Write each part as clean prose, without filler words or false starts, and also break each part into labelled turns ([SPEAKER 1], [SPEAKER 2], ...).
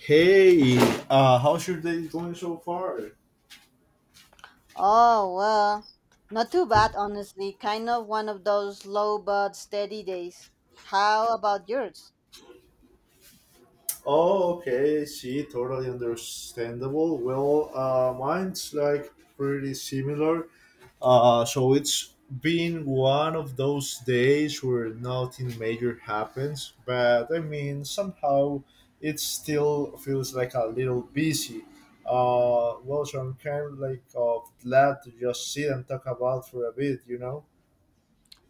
[SPEAKER 1] Hey, how's your day going so far?
[SPEAKER 2] Oh, well, not too bad, honestly. Kind of one of those low but steady days. How about yours?
[SPEAKER 1] Oh, okay, see, totally understandable. Well, mine's like pretty similar. So it's been one of those days where nothing major happens, but I mean, somehow it still feels like a little busy. So I'm kind of like glad to just sit and talk about for a bit, you know?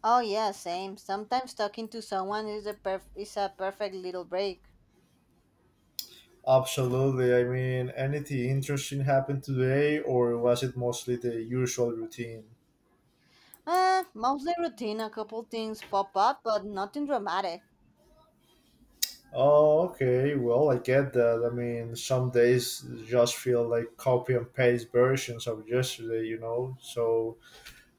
[SPEAKER 2] Oh, yeah, same. Sometimes talking to someone is is a perfect little break.
[SPEAKER 1] Absolutely. I mean, anything interesting happened today, or was it mostly the usual routine?
[SPEAKER 2] Mostly routine. A couple things pop up, but nothing dramatic.
[SPEAKER 1] Oh, okay. Well, I get that. I mean, some days just feel like copy and paste versions of yesterday, you know? So,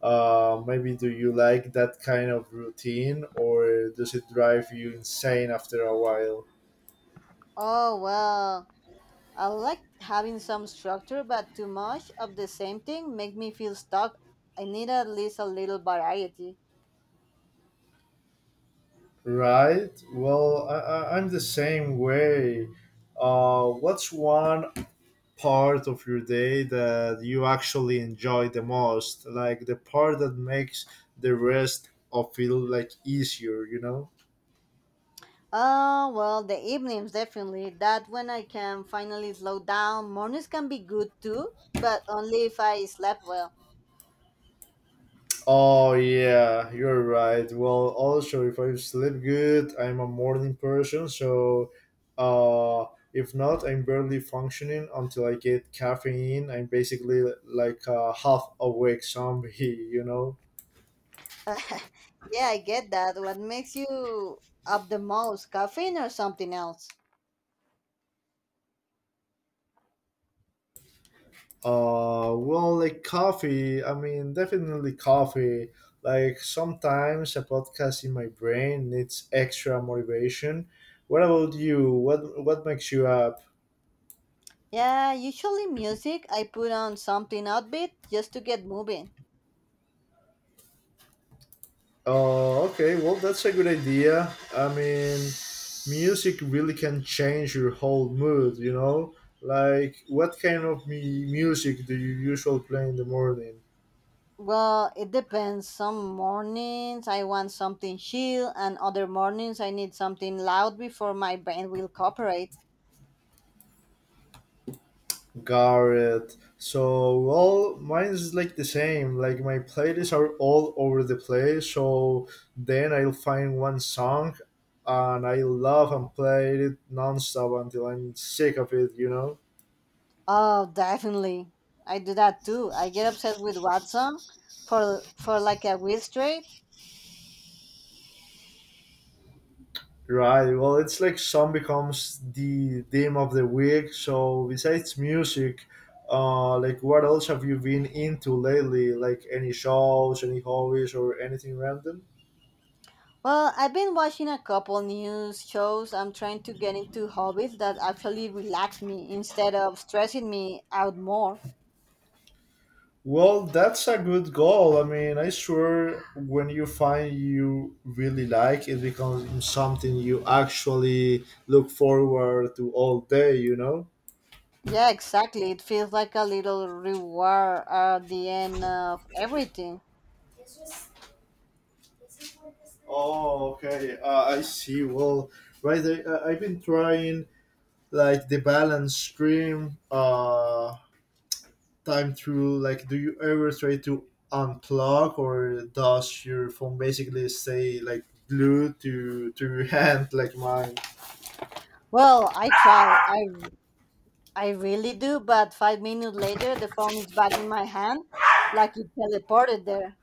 [SPEAKER 1] maybe do you like that kind of routine, or does it drive you insane after a while?
[SPEAKER 2] Oh, well, I like having some structure, but too much of the same thing makes me feel stuck. I need at least a little variety.
[SPEAKER 1] Right? Well, I'm the same way. What's one part of your day that you actually enjoy the most, like the part that makes the rest of feel like easier, you know?
[SPEAKER 2] Well, the evenings definitely. That when I can finally slow down. Mornings can be good too, but only if I slept well.
[SPEAKER 1] Oh, yeah, you're right. Well, also if I sleep good, I'm a morning person. So uh if not, I'm barely functioning until I get caffeine. I'm basically like a half awake zombie you know?
[SPEAKER 2] Yeah, I get that. What makes you up the most? Caffeine or something else?
[SPEAKER 1] Like coffee. I mean, definitely coffee. Like sometimes a podcast in my brain needs extra motivation. What about you? What makes you up?
[SPEAKER 2] Yeah, usually music. I put on something upbeat just to get moving.
[SPEAKER 1] Okay. Well, that's a good idea. I mean, music really can change your whole mood. You know, like what kind of music do you usually play in the morning?
[SPEAKER 2] Well, it depends. Some mornings I want something chill, and other mornings I need something loud before my brain will cooperate.
[SPEAKER 1] Got it. So, well, mine's like the same. Like my playlists are all over the place. So then I'll find one song, and I love and play it nonstop until I'm sick of it. You know.
[SPEAKER 2] Oh, definitely. I do that too. I get obsessed with Watson for like a week straight.
[SPEAKER 1] Right. Well, it's like song becomes the theme of the week. So besides music, like what else have you been into lately? Like any shows, any hobbies, or anything random?
[SPEAKER 2] Well, I've been watching a couple news shows. I'm trying to get into hobbies that actually relax me instead of stressing me out more.
[SPEAKER 1] Well, that's a good goal. I mean, I swear when you find you really like, it becomes something you actually look forward to all day, you know?
[SPEAKER 2] Yeah, exactly. It feels like a little reward at the end of everything.
[SPEAKER 1] Oh, okay. I see. Well, right. I've been trying like the balance stream time through. Like, do you ever try to unplug, or does your phone basically stay like glued to your hand, like mine?
[SPEAKER 2] Well, I try. I really do, but 5 minutes later the phone is back in my hand like it teleported there.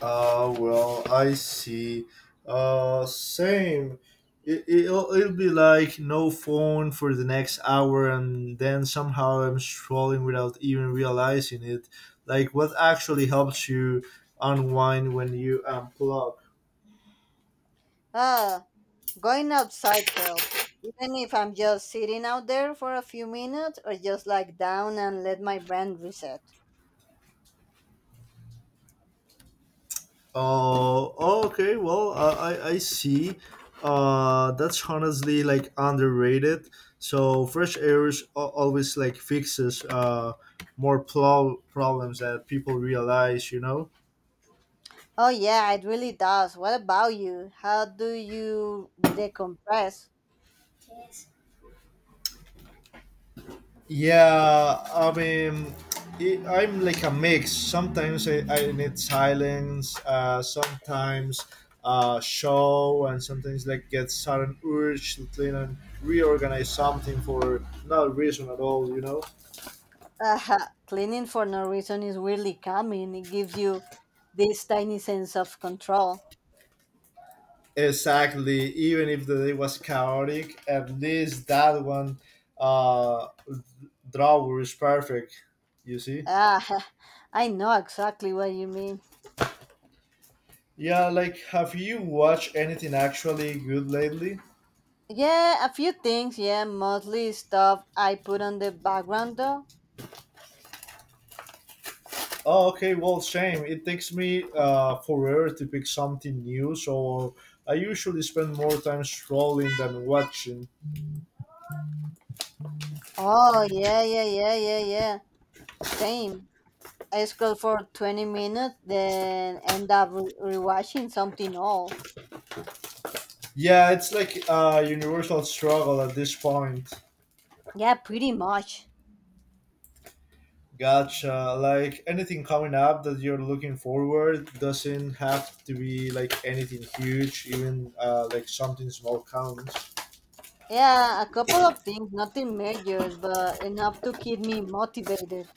[SPEAKER 1] I see. Same. It'll be like no phone for the next hour, and then somehow I'm scrolling without even realizing it. Like, what actually helps you unwind when you unplug?
[SPEAKER 2] Ah, going outside helps, even if I'm just sitting out there for a few minutes or just like down and let my brain reset.
[SPEAKER 1] Oh, okay. Well, I see. That's honestly like underrated. So fresh air is always like fixes more plow problems that people realize. You know.
[SPEAKER 2] Oh, yeah, it really does. What about you? How do you decompress?
[SPEAKER 1] Yeah, I mean, I'm like a mix. Sometimes I need silence. Sometimes show, and sometimes like get sudden urge to clean and reorganize something for no reason at all, you know?
[SPEAKER 2] Uh, Cleaning for no reason is weirdly calming. It gives you this tiny sense of control.
[SPEAKER 1] Exactly. Even if the day was chaotic, at least that one uh, drawer is perfect. You see?
[SPEAKER 2] Ah, I know exactly what you mean.
[SPEAKER 1] Yeah, like, have you watched anything actually good lately?
[SPEAKER 2] Yeah, a few things. Yeah, mostly stuff I put on the background though.
[SPEAKER 1] Oh, okay, well, same. It takes me forever to pick something new, so I usually spend more time scrolling than watching.
[SPEAKER 2] Oh, yeah, yeah, yeah, yeah, yeah. Same. I scroll for 20 minutes, then end rewatching something old.
[SPEAKER 1] Yeah, it's like a universal struggle at this point.
[SPEAKER 2] Yeah, pretty much.
[SPEAKER 1] Gotcha. Like anything coming up that you're looking forward doesn't have to be like anything huge, even like something small counts.
[SPEAKER 2] Yeah, a couple of things, nothing majors, but enough to keep me motivated.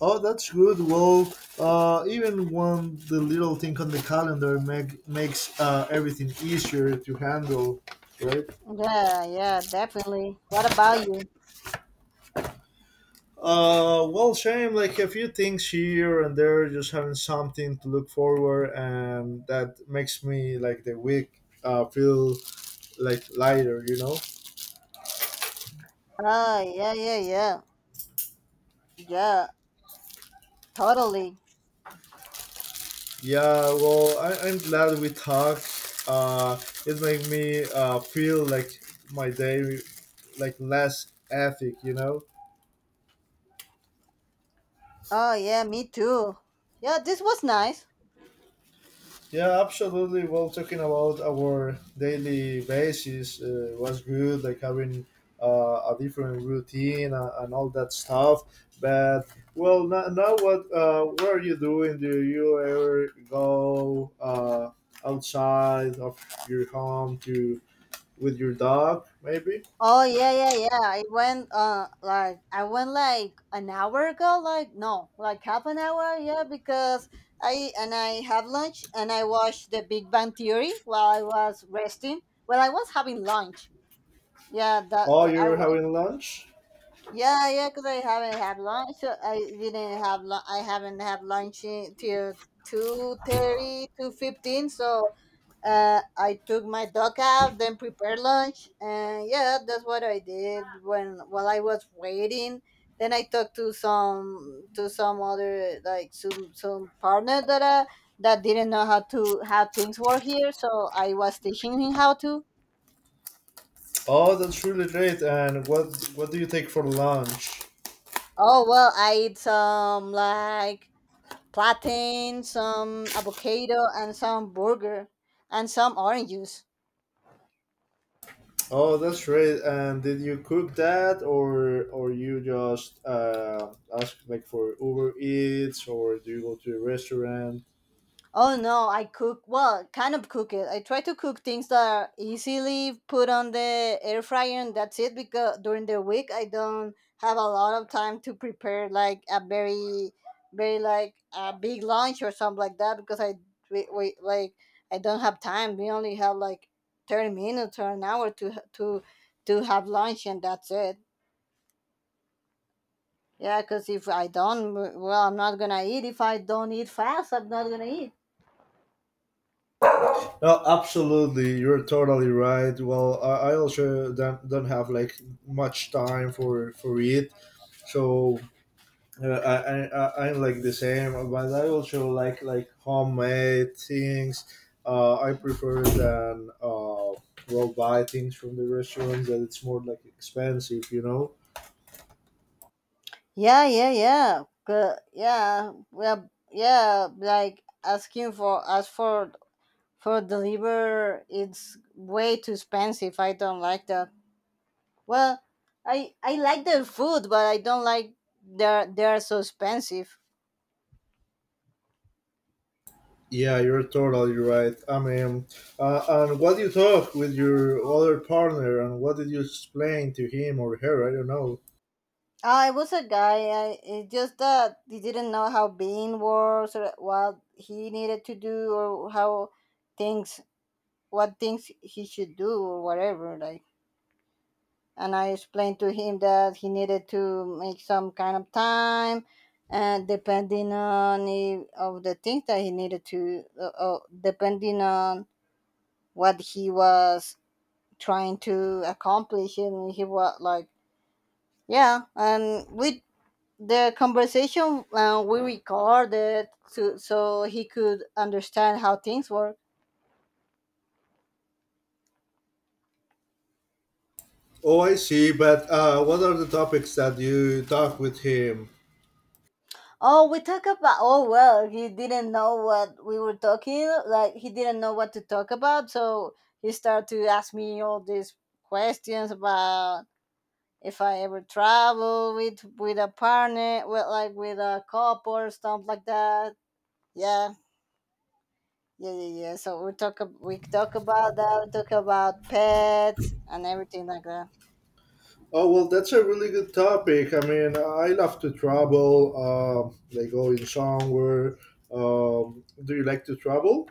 [SPEAKER 1] Oh, that's good. Well, even one the little thing on the calendar makes everything easier to handle, right?
[SPEAKER 2] Yeah, yeah, definitely. What about you?
[SPEAKER 1] Same, like a few things here and there, just having something to look forward, and that makes me like the week feel like lighter, you know.
[SPEAKER 2] Oh, yeah, yeah, yeah. Yeah, totally.
[SPEAKER 1] Yeah, well, I'm glad we talked. It made me feel like my day, like less ethic, you know.
[SPEAKER 2] Oh, yeah, me too. Yeah, this was nice.
[SPEAKER 1] Yeah, absolutely. Well, talking about our daily basis was good, like having a different routine and all that stuff. But well, now what? What are you doing? Do you ever go outside of your home to with your dog, maybe?
[SPEAKER 2] Oh yeah, yeah, yeah. I went like I went like an hour ago, like no, like half an hour, yeah, because I and I have lunch and I watched the Big Bang Theory while I was resting. Well, I was having lunch. Yeah, that
[SPEAKER 1] Oh,
[SPEAKER 2] well, I
[SPEAKER 1] you're
[SPEAKER 2] was.
[SPEAKER 1] having lunch?
[SPEAKER 2] Yeah, yeah, because I haven't had lunch. So I didn't have. I haven't till 2:30, 2:15. So I took my dog out, then prepared lunch, and yeah, that's what I did when while I was waiting. Then I talked to some other like some partner that that didn't know how things work here, so I was teaching him how to.
[SPEAKER 1] Oh, that's really great. And what do you take for lunch?
[SPEAKER 2] Oh well, I eat some like plantain, some avocado, and some burger, and some orange juice.
[SPEAKER 1] Oh, that's great. And did you cook that, or you just ask like for Uber Eats, or do you go to a restaurant?
[SPEAKER 2] Oh no, I cook well, kind of cook it. I try to cook things that are easily put on the air fryer, and that's it, because during the week I don't have a lot of time to prepare like a very like a big lunch or something like that, because we like I don't have time. We only have like 30 minutes or an hour to have lunch and that's it. Yeah, cuz if I don't, well, I'm not going to eat if I don't eat fast. I'm not going to eat.
[SPEAKER 1] No, absolutely. You're totally right. Well, I also don't have like much time for it, so I'm like the same, but I also like homemade things. I prefer than buy things from the restaurants that it's more like expensive, you know.
[SPEAKER 2] Yeah, yeah, yeah. Yeah, well, yeah, like asking for as for deliver, it's way too expensive. I don't like that. Well, I like their food, but I don't like they're so expensive.
[SPEAKER 1] Yeah, you're totally right. I mean, and what you talk with your other partner, and what did you explain to him or her? I don't know.
[SPEAKER 2] Ah, I was a guy. I, it's just that he didn't know how being works or what he needed to do or how things what things he should do or whatever. Like and I explained to him that he needed to make some kind of time, and depending on if, of the things that he needed to, depending on what he was trying to accomplish, and he was like, yeah, and with the conversation we recorded to, so he could understand how things work.
[SPEAKER 1] Oh, I see. But what are the topics that you talk with him?
[SPEAKER 2] Oh, we talk about. Oh well, he didn't know what we were talking. Like he didn't know what to talk about, so he started to ask me all these questions about if I ever travel with a partner, with like with a couple or stuff like that. Yeah, yeah, yeah, yeah. So we talk. We talk about that. We talk about pets and everything like that.
[SPEAKER 1] Oh, well, that's a really good topic. I mean, I love to travel. Like going somewhere. Do you like to travel?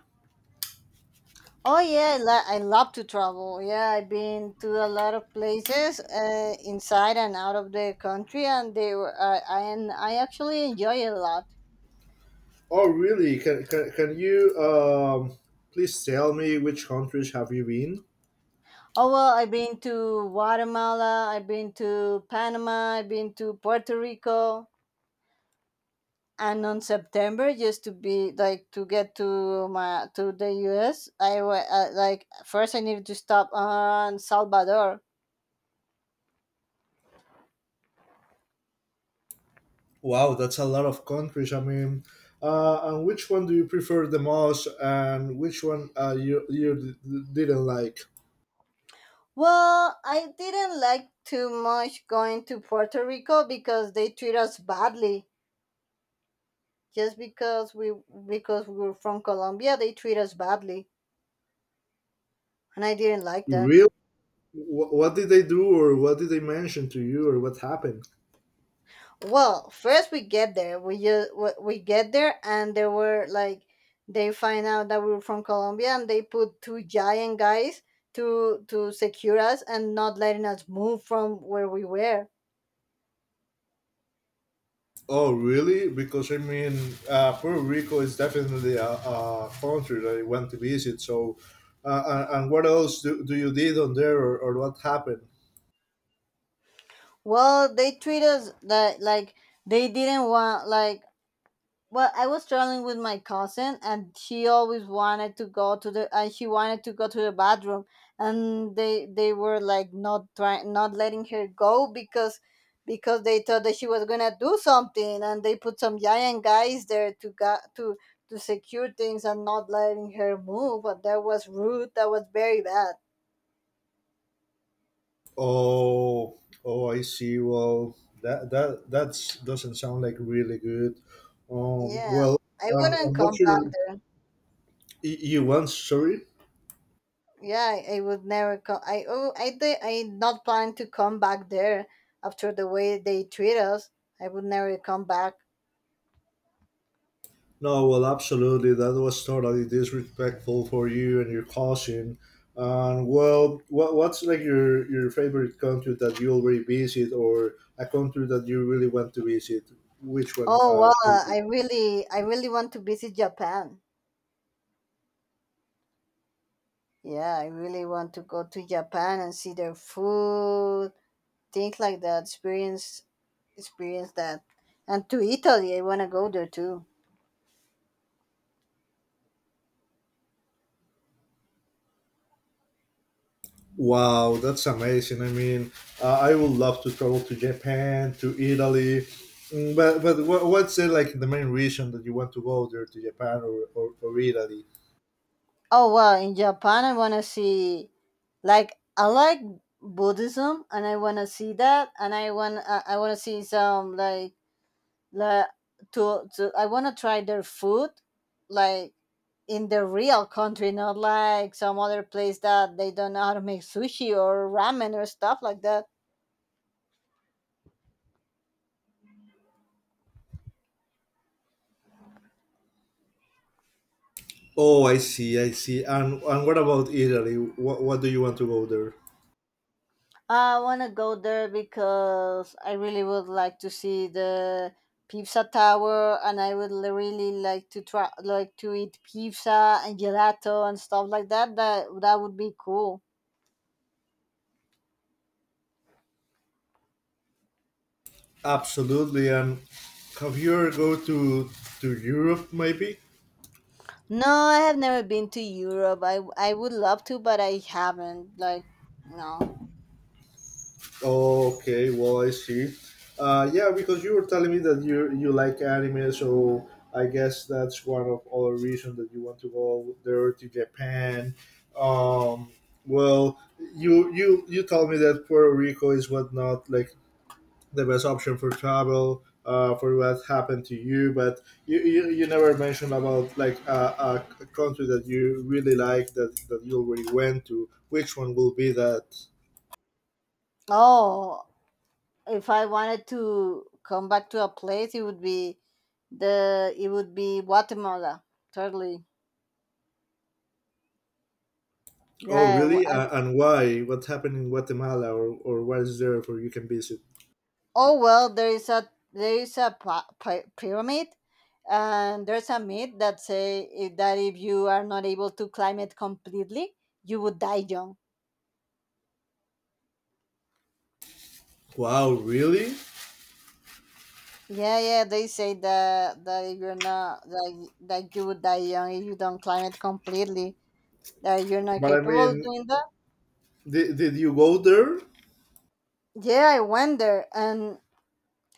[SPEAKER 2] Oh yeah, I love to travel. Yeah, I've been to a lot of places inside and out of the country, and they were I actually enjoy it a lot.
[SPEAKER 1] Oh, really? Can you please tell me which countries have you been?
[SPEAKER 2] Oh well, I've been to Guatemala, I've been to Panama, I've been to Puerto Rico, and on September, just to be like to get to the U.S. Like first I needed to stop on Salvador.
[SPEAKER 1] Wow, that's a lot of countries. I mean, and which one do you prefer the most, and which one didn't like?
[SPEAKER 2] Well, I didn't like too much going to Puerto Rico because they treat us badly. Just because we were from Colombia, they treat us badly, and I didn't like that.
[SPEAKER 1] Real? What did they do, or what did they mention to you, or what happened?
[SPEAKER 2] Well, first we get there, we just we get there, and there were like they find out that we were from Colombia, and they put two giant guys to secure us and not letting us move from where we were.
[SPEAKER 1] Oh, really? Because I mean, Puerto Rico is definitely a country that I want to visit. So, and what else do you did on there, or what happened?
[SPEAKER 2] Well, they treat us that like they didn't want like, well, I was traveling with my cousin, and she wanted to go to the bathroom, and they were like not trying, not letting her go, because they thought that she was gonna do something, and they put some giant guys there to go to secure things and not letting her move. But that was rude. That was very bad.
[SPEAKER 1] Oh, oh, I see. Well, that's doesn't sound like really good. Um,
[SPEAKER 2] Yeah,
[SPEAKER 1] well,
[SPEAKER 2] I
[SPEAKER 1] um,
[SPEAKER 2] wouldn't
[SPEAKER 1] and
[SPEAKER 2] come
[SPEAKER 1] what's
[SPEAKER 2] back
[SPEAKER 1] your
[SPEAKER 2] there.
[SPEAKER 1] you want? Sorry.
[SPEAKER 2] Yeah, I would never come. I oh, I did. I not planning to come back there after the way they treat us. I would never come back.
[SPEAKER 1] No, well, absolutely. That was totally disrespectful for you and your cousin. And, well, what's like your favorite country that you already visit, or a country that you really want to visit? Which one
[SPEAKER 2] Oh well,
[SPEAKER 1] should be?
[SPEAKER 2] I really want to visit Japan. Yeah, I really want to go to Japan and see their food, things like that. Experience that, and to Italy. I want to go there too.
[SPEAKER 1] Wow, that's amazing. I mean, I would love to travel to Japan, to Italy. But what's the, like the main reason that you want to go there to Japan, or Italy?
[SPEAKER 2] Oh well, in Japan I wanna see like I like Buddhism, and I wanna see that, and I wanna see some like to I wanna try their food like in the real country, not like some other place that they don't know how to make sushi or ramen or stuff like that.
[SPEAKER 1] Oh, I see, I see. And what about Italy? What do you want to go there?
[SPEAKER 2] I want to go there because I really would like to see the pizza tower, and I would really like to try like to eat pizza and gelato and stuff like that that would be cool.
[SPEAKER 1] Absolutely. And have you ever go to Europe, maybe?
[SPEAKER 2] No, I have never been to Europe. I would love to, but I haven't like no.
[SPEAKER 1] Okay, well, I see. Yeah, because you were telling me that you like anime, so I guess that's one of other reasons that you want to go there to Japan. Um, well, you told me that Puerto Rico is what not like the best option for travel for what happened to you, but you never mentioned about like a country that you really like that you already went to. Which one will be that?
[SPEAKER 2] Oh, if I wanted to come back to a place, it would be the it would be Guatemala. Totally.
[SPEAKER 1] Oh,
[SPEAKER 2] Yeah, I w-
[SPEAKER 1] really?
[SPEAKER 2] I
[SPEAKER 1] And why, what happened in Guatemala, or what is there for you can visit?
[SPEAKER 2] Oh well, there is a pyramid, and there's a myth that that if you are not able to climb it completely, you would die young.
[SPEAKER 1] Wow, really?
[SPEAKER 2] Yeah, yeah, they say that if you're not that y- that you would die young if you don't climb it completely. That you're not
[SPEAKER 1] But I
[SPEAKER 2] capable of
[SPEAKER 1] mean,
[SPEAKER 2] doing that.
[SPEAKER 1] did you go there?
[SPEAKER 2] Yeah, I went there, and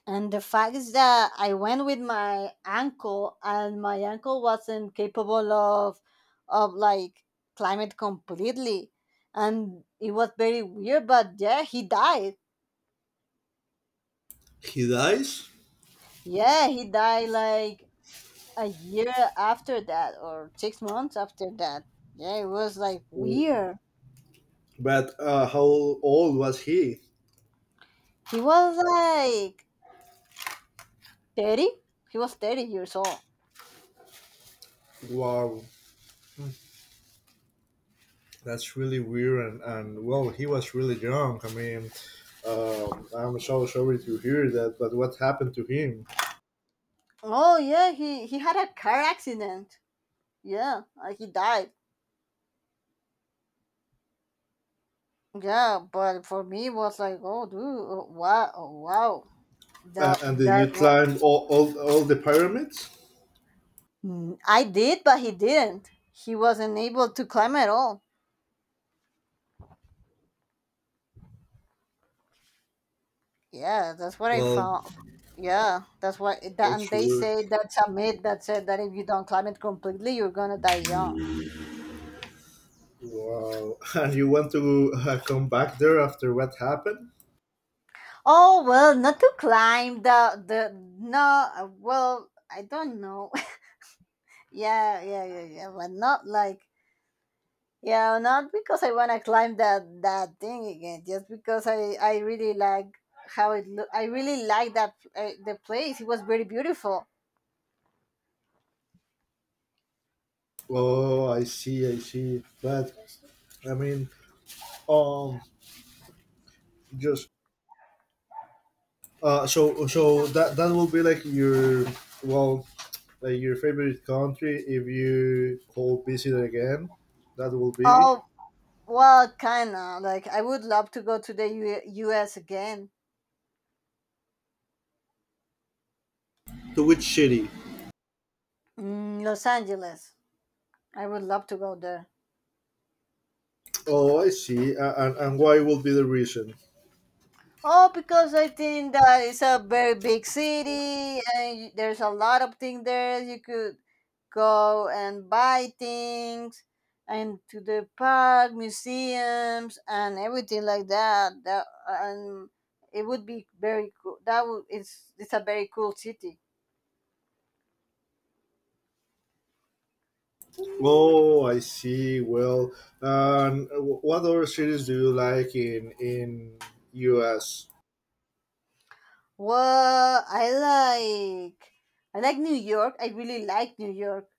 [SPEAKER 2] The fact is that I went with my uncle, and my uncle wasn't capable of, of like climate completely, and it was very weird. But yeah, he died.
[SPEAKER 1] He dies?
[SPEAKER 2] Yeah, he died like a year after that, or 6 months after that. Yeah, it was like weird.
[SPEAKER 1] But how old was he?
[SPEAKER 2] He was like 30. He was 30 years old.
[SPEAKER 1] Wow. That's really weird, and well, he was really young. I mean, I'm so sorry to hear that, but what happened to him?
[SPEAKER 2] Oh yeah, he had a car accident. Yeah, he died. Yeah, but for me, it was like, oh, dude, oh, wow, oh, wow.
[SPEAKER 1] And did you
[SPEAKER 2] That's what.
[SPEAKER 1] climb all the pyramids?
[SPEAKER 2] Mm, I did, but he didn't. He wasn't able to climb at all. Yeah, that's what I
[SPEAKER 1] Well,
[SPEAKER 2] found. Yeah, that's what. That,
[SPEAKER 1] that's
[SPEAKER 2] and they
[SPEAKER 1] weird.
[SPEAKER 2] say that's a myth that said that if you don't climb it completely, you're gonna die young.
[SPEAKER 1] Wow. And you want to come back there after what happened?
[SPEAKER 2] Oh well, not to climb the no. Well, I don't know. Yeah, yeah, yeah, yeah, but not like, yeah, not because I wanna climb that thing again, just because I really like how it look. I really like that the place. It was very beautiful.
[SPEAKER 1] Oh, I see, I see. But I mean, um, just so so that will be like well, like your favorite country if you go visit again. That will be.
[SPEAKER 2] Oh well, kinda. Like I would love to go to the U.S. again,
[SPEAKER 1] To which city?
[SPEAKER 2] mm, Los Angeles. I would love to go there.
[SPEAKER 1] Oh, I see. And why will be the reason?
[SPEAKER 2] Oh, because I think that it's a very big city, and there's a lot of things there. You could go and buy things and to the park, museums, and everything like that. That and it would be very cool. That would it's a very cool city.
[SPEAKER 1] Oh, I see. Well, what other cities do you like in US?
[SPEAKER 2] Well, I like New York. I really like New York.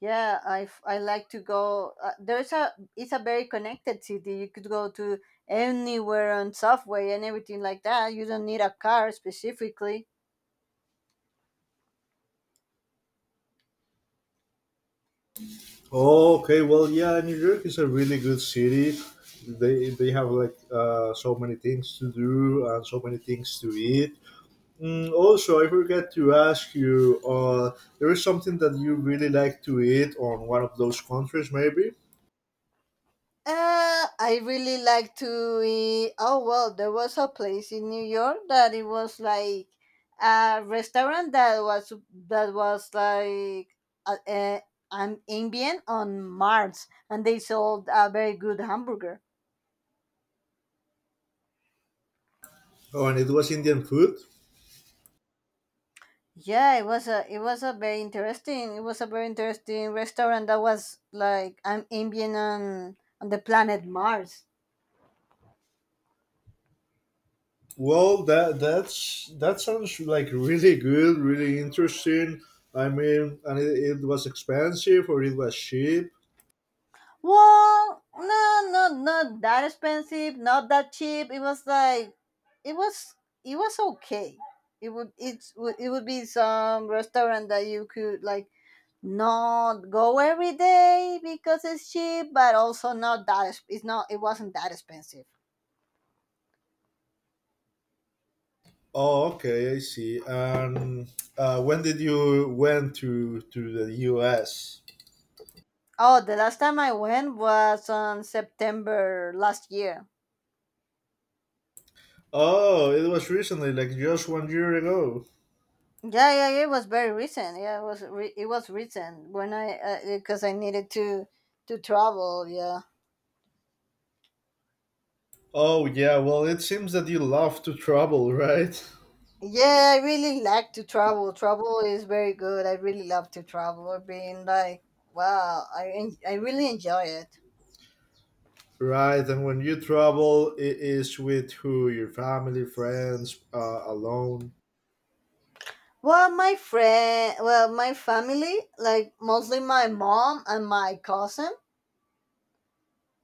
[SPEAKER 2] Yeah, I like to go. There's a it's a very connected city. You could go to anywhere on subway and everything like that. You don't need a car specifically.
[SPEAKER 1] Oh, okay. Well, yeah, New York is a really good city. They have like so many things to do and so many things to eat. Also, I forgot to ask you. There is something that you really like to eat on one of those countries, maybe.
[SPEAKER 2] I really like to eat. Oh well, there was a place in New York that it was like a restaurant that was like a, a, an ambient on Mars, and they sold a very good hamburger.
[SPEAKER 1] Oh, and it was Indian food.
[SPEAKER 2] Yeah, it was a very interesting restaurant that was like I'm ambient on the planet Mars.
[SPEAKER 1] Well, that sounds like really good, really interesting. I mean, and it was expensive or it was cheap.
[SPEAKER 2] Well, no, no, not that expensive, not that cheap. It was like it was it was okay. It would be some restaurant that you could like not go every day because it's cheap, but also not that it wasn't that expensive.
[SPEAKER 1] Oh, okay, I see. When did you went to the U.S.?
[SPEAKER 2] Oh, the last time I went was on September last year.
[SPEAKER 1] Oh, it was recently, like just one year ago.
[SPEAKER 2] Yeah, yeah, yeah, it was very recent. Yeah, it was recent when I because I needed to travel. Yeah,
[SPEAKER 1] Oh, yeah. Well, it seems that you love to travel, right?
[SPEAKER 2] yeah, I really like to travel. Travel is very good. I really love to travel. Being like, wow, I really enjoy it.
[SPEAKER 1] Right. And when you travel, it is with who? Your family, friends, alone.
[SPEAKER 2] Well, well, my family, like mostly my mom and my cousin.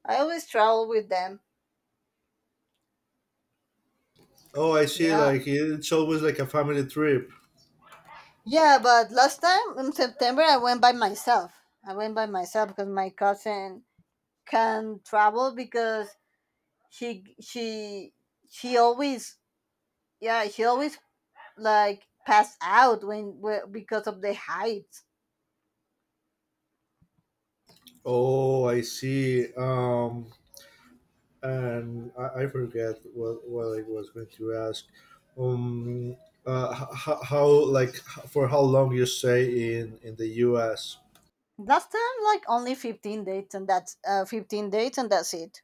[SPEAKER 2] I always travel with them.
[SPEAKER 1] Oh, I see.
[SPEAKER 2] Yeah,
[SPEAKER 1] Like, it's always like a family trip.
[SPEAKER 2] yeah, but last time in September I went by myself. I went by myself because my cousin can travel because she she always yeah she always like pass out because of the height.
[SPEAKER 1] Oh, I see. And I forget what I was going to ask. Um, for how long you stay in the US?
[SPEAKER 2] Last time like only 15 dates and that's 15 dates and that's it.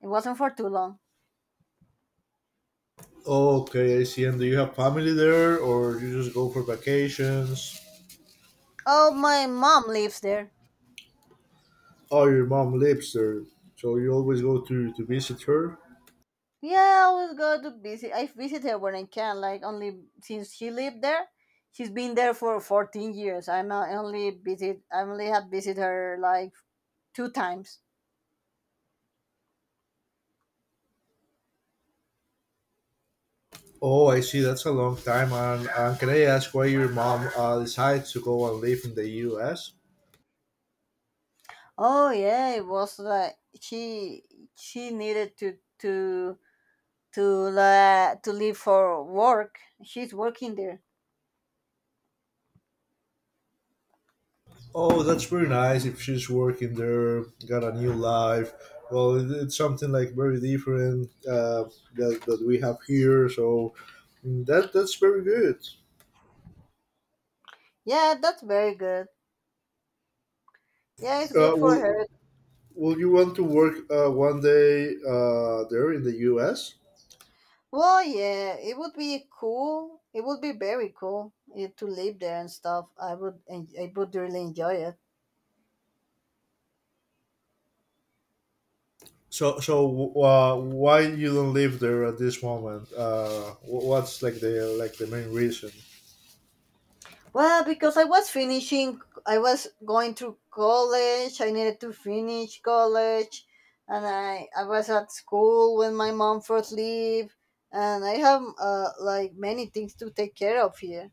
[SPEAKER 2] It wasn't for too long.
[SPEAKER 1] Okay, I see. And do you have family there, or you just go for vacations?
[SPEAKER 2] Oh, my mom lives there.
[SPEAKER 1] Oh, your mom lives there, so you always go to visit her.
[SPEAKER 2] Yeah, I always go to visit. I visit her when I can. Like only since she lived there, she's been there for 14 years. I only have visited her like two times.
[SPEAKER 1] Oh, I see. That's a long time. And can I ask why your mom decided to go and live in the U.S.?
[SPEAKER 2] Oh yeah, it was like she needed to leave for work. She's working there.
[SPEAKER 1] Oh, that's very nice. If she's working there, got a new life. Well, it's something like very different that we have here. So that's very good.
[SPEAKER 2] Yeah, that's very good. Yeah, it's
[SPEAKER 1] Uh,
[SPEAKER 2] good for
[SPEAKER 1] will
[SPEAKER 2] her.
[SPEAKER 1] Will you want to work one day there in the U.S.?
[SPEAKER 2] Well, yeah, it would be cool. It would be very cool to live there and stuff. I would really enjoy it.
[SPEAKER 1] So, why you don't live there at this moment? What's like the main reason?
[SPEAKER 2] Well, because I was going through college. I needed to finish college, and I was at school when my mom first leave, and I have like many things to take care of here.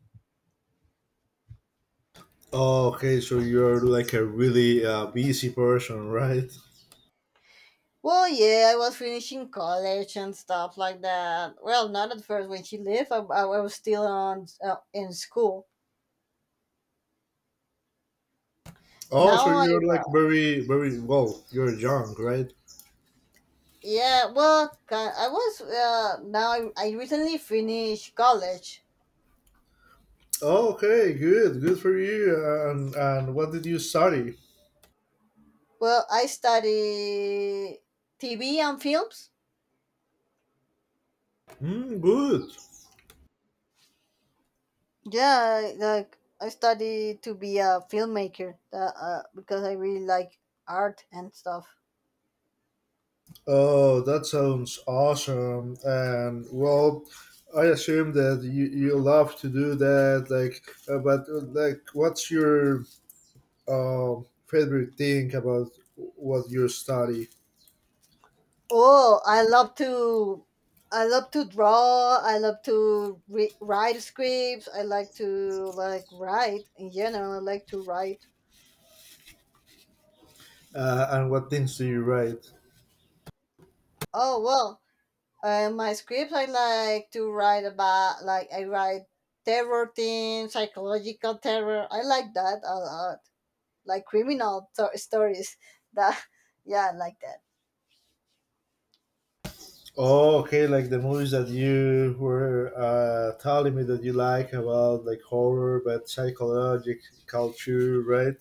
[SPEAKER 1] Oh, okay, so you're like a really busy person, right?
[SPEAKER 2] Well, yeah, I was finishing college and stuff like that. Well, not at first when she left. I was still on in school.
[SPEAKER 1] Oh, so
[SPEAKER 2] Now I
[SPEAKER 1] you're like
[SPEAKER 2] work.
[SPEAKER 1] very very well. You're young, right?
[SPEAKER 2] Yeah, well, I recently finished college.
[SPEAKER 1] Oh, okay, good, good for you. And what did you study?
[SPEAKER 2] Well, I study TV and films.
[SPEAKER 1] Mm, good.
[SPEAKER 2] Like I study to be a filmmaker. Because I really like art and stuff.
[SPEAKER 1] Oh, that sounds awesome. And, well, I assume that you love to do that. Like, but like, what's your favorite thing about what you study
[SPEAKER 2] Oh, I love to, I love to draw. I love to re- write scripts. I like to like write in general. I like to write.
[SPEAKER 1] and what things do you write?
[SPEAKER 2] Oh well, my scripts, I like to write about, like, I write terror things, psychological terror. I like that a lot. Like stories. That, yeah, I like that.
[SPEAKER 1] Oh, okay, like the movies that you were telling me that you like about like horror, but psychological culture, right?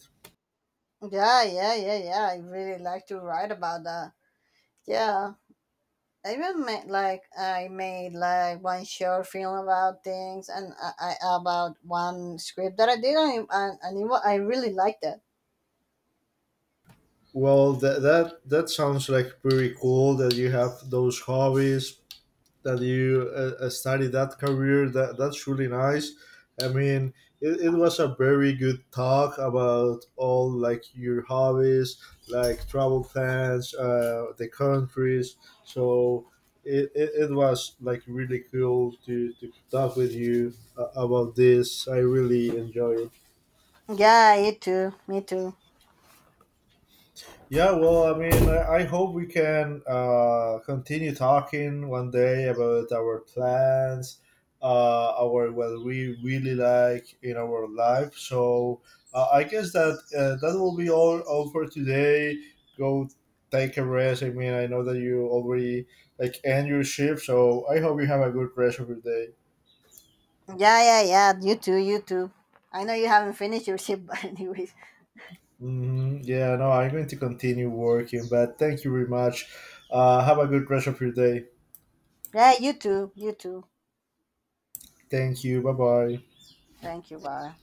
[SPEAKER 2] Yeah, yeah, yeah, yeah. I really like to write about that. Yeah. I even made, like, one short film about things and I about one script that I did, and I really liked that.
[SPEAKER 1] Well, that sounds like pretty cool that you have those hobbies. That you started that career. That's really nice. I mean, it was a very good talk about all like your hobbies, like travel plans, the countries. So it was like really cool to talk with you about this. I really enjoy it.
[SPEAKER 2] Yeah, it too. Me too.
[SPEAKER 1] Yeah, well, I mean, I hope we can continue talking one day about our plans, our what we really like in our life. So I guess that that will be all for today. Go take a rest. I mean, I know that you already like end your shift, so I hope you have a good rest of your day.
[SPEAKER 2] Yeah, yeah, yeah. You too, you too. I know you haven't finished your ship, but anyways.
[SPEAKER 1] Yeah, no, I'm going to continue working, but thank you very much. Have a good rest of your day.
[SPEAKER 2] Yeah, you too, you too.
[SPEAKER 1] Thank you. Bye bye.
[SPEAKER 2] Thank you. Bye.